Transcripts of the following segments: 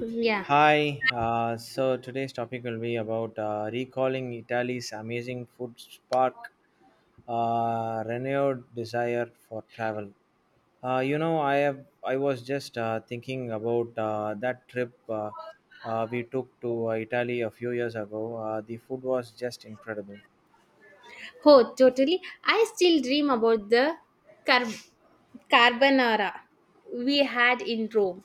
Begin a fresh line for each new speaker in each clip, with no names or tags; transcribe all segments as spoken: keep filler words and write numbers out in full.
Yeah.
Hi, uh, so today's topic will be about uh, recalling Italy's amazing food spark, uh, renewed desire for travel. Uh, you know, I have I was just uh, thinking about uh, that trip uh, uh, we took to uh, Italy a few years ago. Uh, the food was just incredible.
Oh, totally. I still dream about the car- carbonara we had in Rome.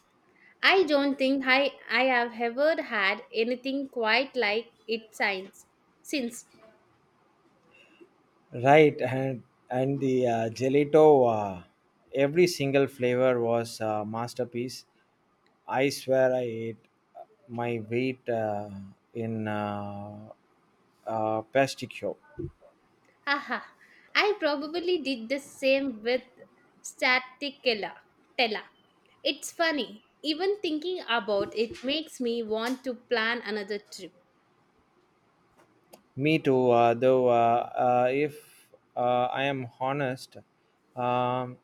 I don't think I, I have ever had anything quite like it since. Since.
Right, and and the uh, gelato, uh, every single flavor was a masterpiece. I swear I ate my weight uh, in uh, uh, pasticcio.
Haha. I probably did the same with Staticella. Tella. It's funny. Even thinking about it makes me want to plan another trip.
Me too, uh, though. Uh, uh, if uh, I am honest, um,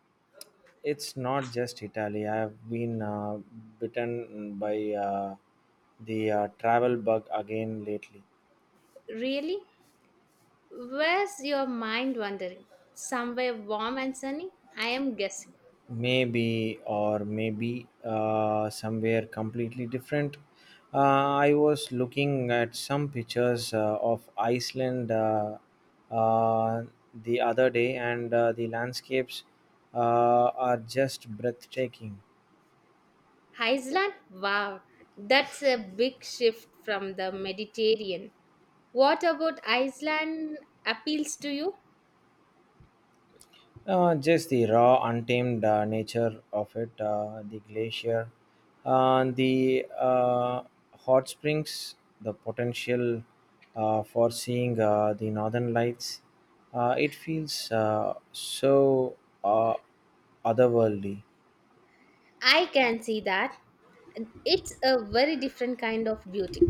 it's not just Italy. I have been uh, bitten by uh, the uh, travel bug again lately.
Really? Where's your mind wandering? Somewhere warm and sunny? I am guessing.
Maybe or maybe uh, somewhere completely different. Uh, I was looking at some pictures uh, of Iceland uh, uh, the other day, and uh, the landscapes uh, are just breathtaking.
Iceland? Wow, that's a big shift from the Mediterranean. What about Iceland appeals to you?
Uh, just the raw, untamed uh, nature of it, uh, the glacier, uh, the uh, hot springs, the potential uh, for seeing uh, the northern lights. Uh, it feels uh, so uh, otherworldly.
I can see that. It's a very different kind of beauty.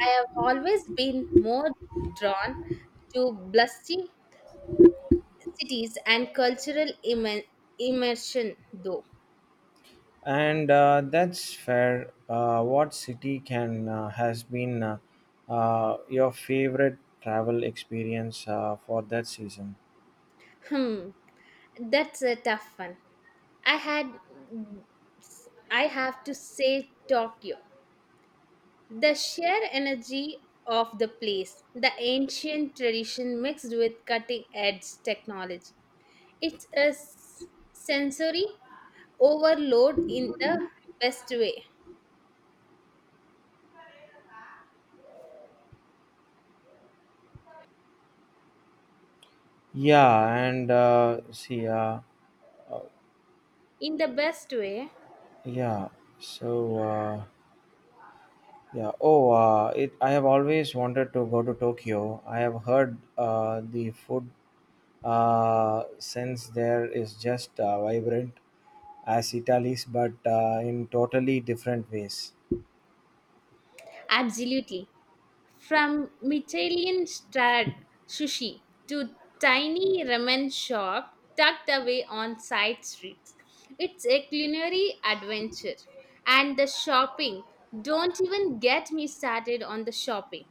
I have always been more drawn to bustling cities and cultural immer- immersion, though.
And uh, that's fair. Uh, what city can uh, has been uh, uh, your favorite travel experience uh, for that season?
Hmm, that's a tough one. I had, I have to say Tokyo. The sheer energy of the place, the ancient tradition mixed with cutting edge technology. It's a s- sensory overload in the best way.
Yeah, and uh, see, uh, Uh,
In the best way,
yeah. So uh, yeah. Oh, uh, it. I have always wanted to go to Tokyo. I have heard uh, the food uh, sense there is just uh, vibrant as Italy's, but uh, in totally different ways.
absolutely. From Michelin starred sushi to tiny ramen shop tucked away on side streets. It's a culinary adventure. And the shopping, don't even get me started on the shopping.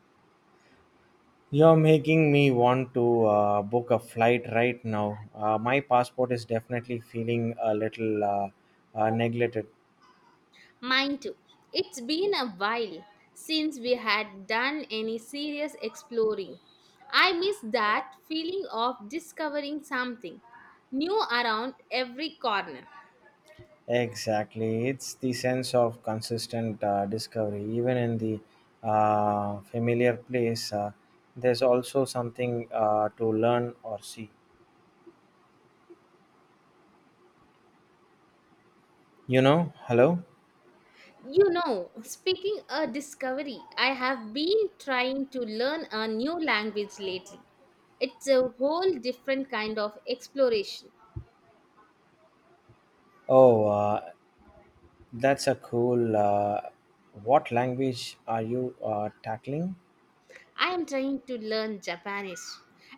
You're making me want to uh, book a flight right now. Uh, my passport is definitely feeling a little uh, uh, neglected.
Mine too. It's been a while since we had done any serious exploring. I miss that feeling of discovering something new around every corner.
Exactly. It's the sense of consistent uh, discovery. Even in the uh, familiar place, uh, there's also something uh, to learn or see. You know, hello?
You know, speaking a discovery, I have been trying to learn a new language lately. It's a whole different kind of exploration.
Oh, uh, that's a cool. Uh, what language are you uh, tackling?
I am trying to learn Japanese.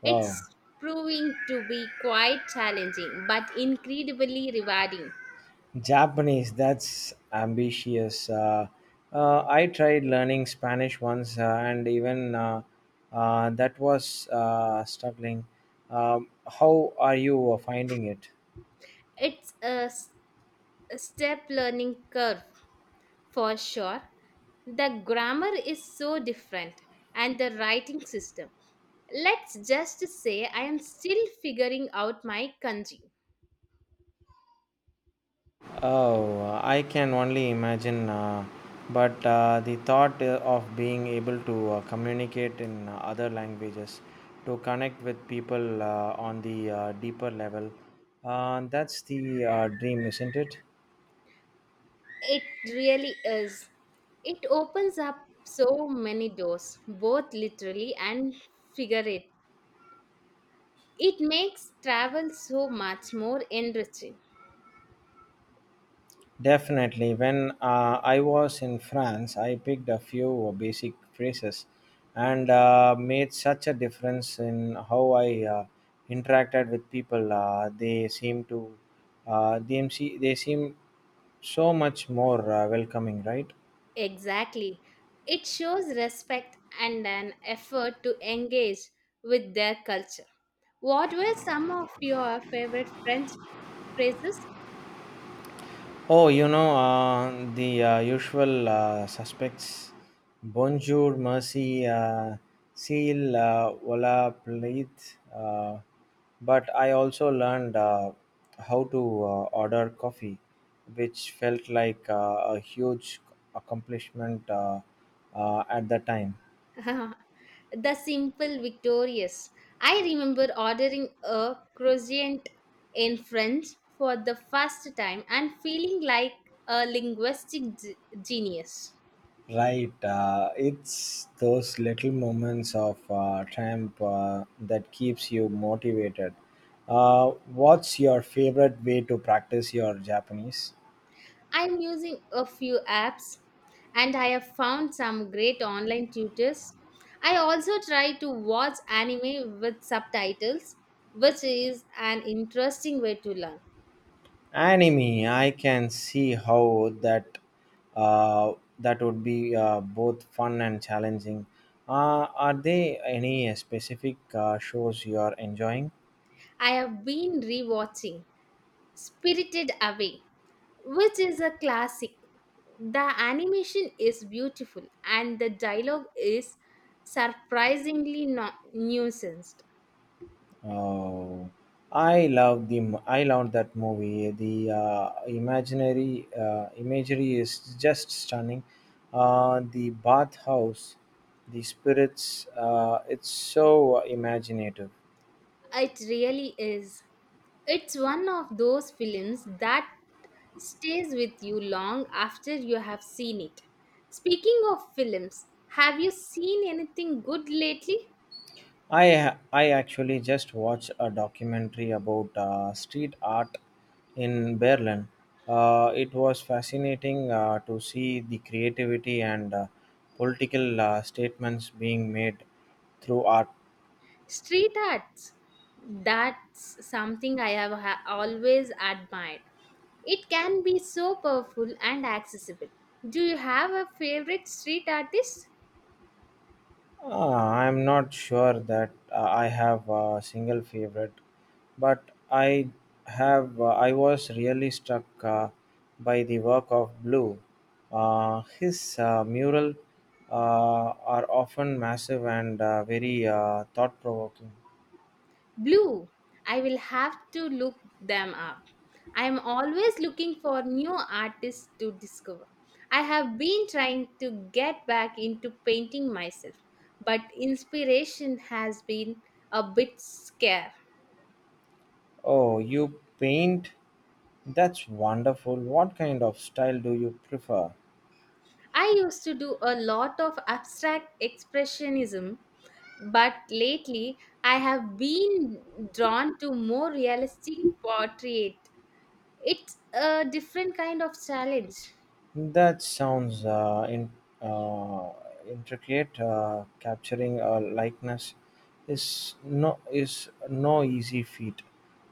Wow.
It's proving to be quite challenging but incredibly rewarding.
Japanese, that's ambitious. Uh, uh, I tried learning Spanish once, uh, and even uh, uh, that was uh, struggling. Um, how are you uh, finding it?
It's a, s- a step learning curve. For sure, the grammar is so different and the writing system. Let's just say I am still figuring out my kanji.
Oh, I can only imagine. Uh, but uh, the thought uh, of being able to uh, communicate in uh, other languages, to connect with people uh, on the uh, deeper level, uh, that's the uh, dream, isn't it?
It really is. It opens up so many doors, both literally and figuratively. It makes travel so much more enriching.
Definitely. When uh, I was in France, I picked a few basic phrases and uh, made such a difference in how I uh, interacted with people. Uh, they seem to, uh, they, seem- they seem so much more uh, welcoming, right?
Exactly. It shows respect and an effort to engage with their culture. What were some of your favorite French phrases?
Oh, you know, uh, the uh, usual uh, suspects Bonjour, Mercy, uh, Seal, uh, Ola, Pleith. Uh, but I also learned uh, how to uh, order coffee, which felt like uh, a huge accomplishment uh, uh, at the time.
The simple victorious. I remember ordering a croissant in French for the first time and feeling like a linguistic g- genius.
Right, uh, it's those little moments of uh, triumph uh, that keeps you motivated. Uh, what's your favorite way to practice your Japanese?
I'm using a few apps and I have found some great online tutors. I also try to watch anime with subtitles, which is an interesting way to learn.
Anime. I can see how that uh, that would be uh, both fun and challenging. Uh, are there any specific uh, shows you are enjoying?
I have been rewatching Spirited Away, which is a classic. The animation is beautiful and the dialogue is surprisingly not nuanced.
Oh, I love the m- I love that movie. The uh, imaginary uh, imagery is just stunning. Uh, the bathhouse, the spirits. Uh, it's so imaginative.
It really is. It's one of those films that stays with you long after you have seen it. Speaking of films, have you seen anything good lately?
I I actually just watched a documentary about uh, street art in Berlin. Uh, it was fascinating uh, to see the creativity and uh, political uh, statements being made through art.
Street arts. That's something I have ha- always admired. It can be so powerful and accessible. Do you have a favorite street artist?
Uh, I'm not sure that uh, I have a single favorite, but I have. Uh, I was really struck uh, by the work of Blue. Uh, his uh, mural uh, are often massive and uh, very uh, thought-provoking.
Blue. I will have to look them up. I am always looking for new artists to discover. I have been trying to get back into painting myself, but inspiration has been a bit scarce.
Oh, you paint? That's wonderful. What kind of style do you prefer?
I used to do a lot of abstract expressionism, but lately I have been drawn to more realistic portrait. It's a different kind of challenge.
That sounds uh, in, uh, intricate. Uh, capturing a likeness is no is no easy feat.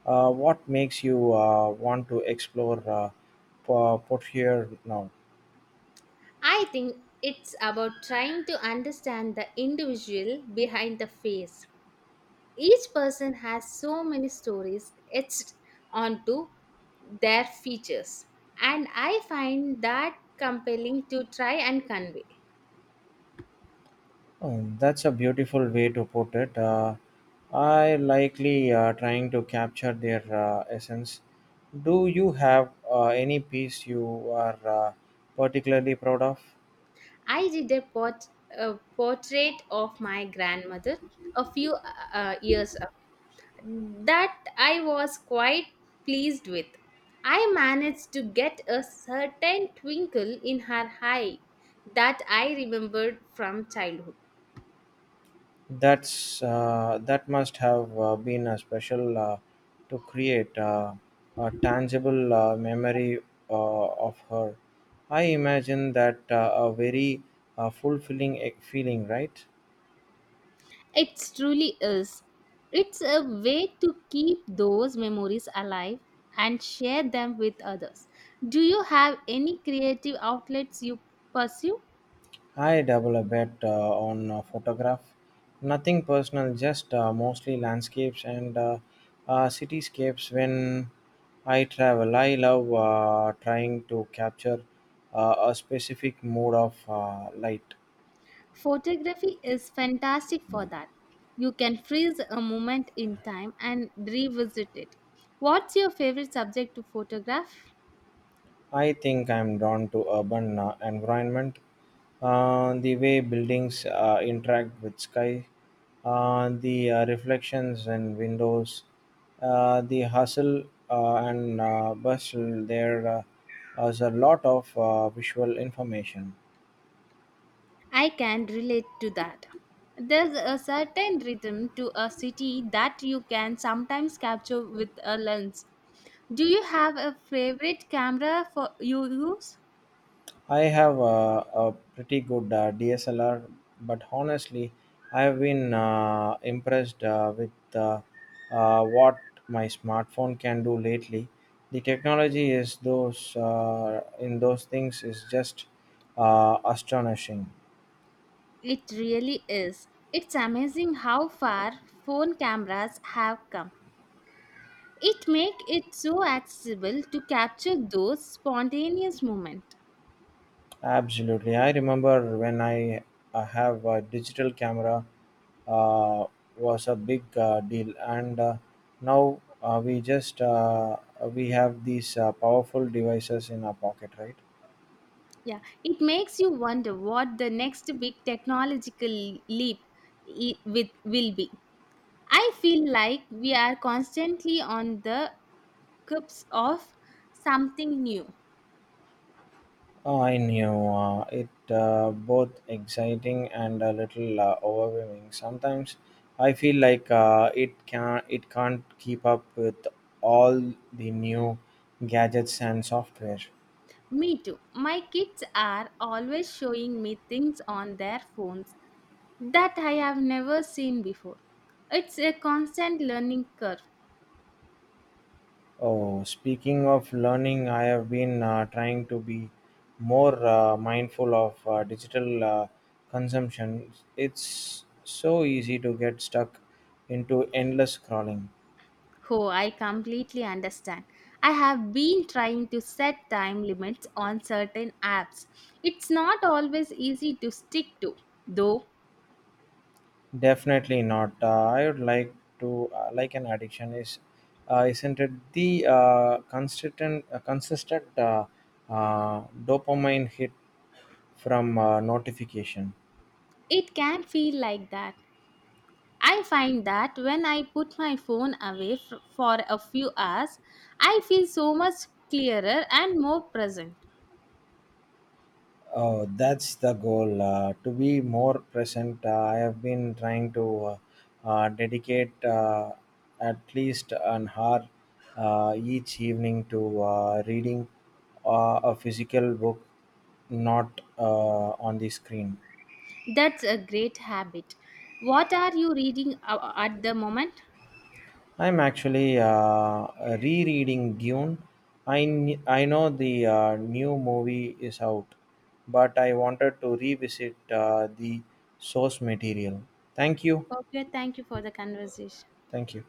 Uh, what makes you uh, want to explore uh, po- portrait now?
I think it's about trying to understand the individual behind the face. Each person has so many stories etched onto their features, and I find that compelling to try and convey.
Oh, that's a beautiful way to put it. Uh, I likely uh, trying to capture their uh, essence. Do you have uh, any piece you are uh, particularly proud of?
I did a, port- a portrait of my grandmother a few uh, years ago that I was quite pleased with. I managed to get a certain twinkle in her eye that I remembered from childhood.
That's uh, that must have uh, been a special uh, to create uh, a tangible uh, memory uh, of her. I imagine that uh, a very uh, fulfilling e- feeling, right?
It truly is. It's a way to keep those memories alive and share them with others. Do you have any creative outlets you pursue?
I double a bet uh, on a photograph. Nothing personal, just uh, mostly landscapes and uh, uh, cityscapes. When I travel, I love uh, trying to capture uh, a specific mode of uh, light.
Photography is fantastic for that. You can freeze a moment in time and revisit it. What's your favorite subject to photograph?
I think I'm drawn to urban uh, environment, uh, the way buildings uh, interact with sky, uh, the uh, reflections in windows, uh, the hustle uh, and uh, bustle. There uh, is a lot of uh, visual information.
I can relate to that. There's a certain rhythm to a city that you can sometimes capture with a lens. Do you have a favorite camera for you use?
I have uh, a pretty good uh, D S L R, but honestly, I have been uh, impressed uh, with uh, uh, what my smartphone can do lately. The technology is those uh, in those things is just uh, astonishing.
It really is. It's amazing how far phone cameras have come. It make it so accessible to capture those spontaneous moments.
Absolutely. I remember when I uh, have a digital camera uh, was a big uh, deal, and uh, now uh, we just uh, we have these uh, powerful devices in our pocket, right?
Yeah, it makes you wonder what the next big technological leap I- with will be. I feel like we are constantly on the cusp of something new.
Oh, I knew uh, it uh, both exciting and a little uh, overwhelming. Sometimes I feel like uh, it can it can't keep up with all the new gadgets and software.
Me too. My kids are always showing me things on their phones that I have never seen before. It's a constant learning curve.
Oh, speaking of learning, I have been uh, trying to be more uh, mindful of uh, digital uh, consumption. It's so easy to get stuck into endless scrolling.
Oh, I completely understand. I have been trying to set time limits on certain apps. It's not always easy to stick to, though.
Definitely not. Uh, I would like to uh, like an addiction is uh, isn't it the uh, consistent uh, consistent uh, uh, dopamine hit from uh, notification.
It can feel like that. I find that when I put my phone away f- for a few hours, I feel so much clearer and more present.
Oh, that's the goal. Uh, to be more present, uh, I have been trying to uh, uh, dedicate uh, at least an hour uh, each evening to uh, reading uh, a physical book, not uh, on the screen.
That's a great habit. What are you reading uh, at the moment?
I'm actually uh, rereading Dune. I, kn- I know the uh, new movie is out, but I wanted to revisit uh, the source material. Thank you.
Okay, thank you for the conversation.
Thank you.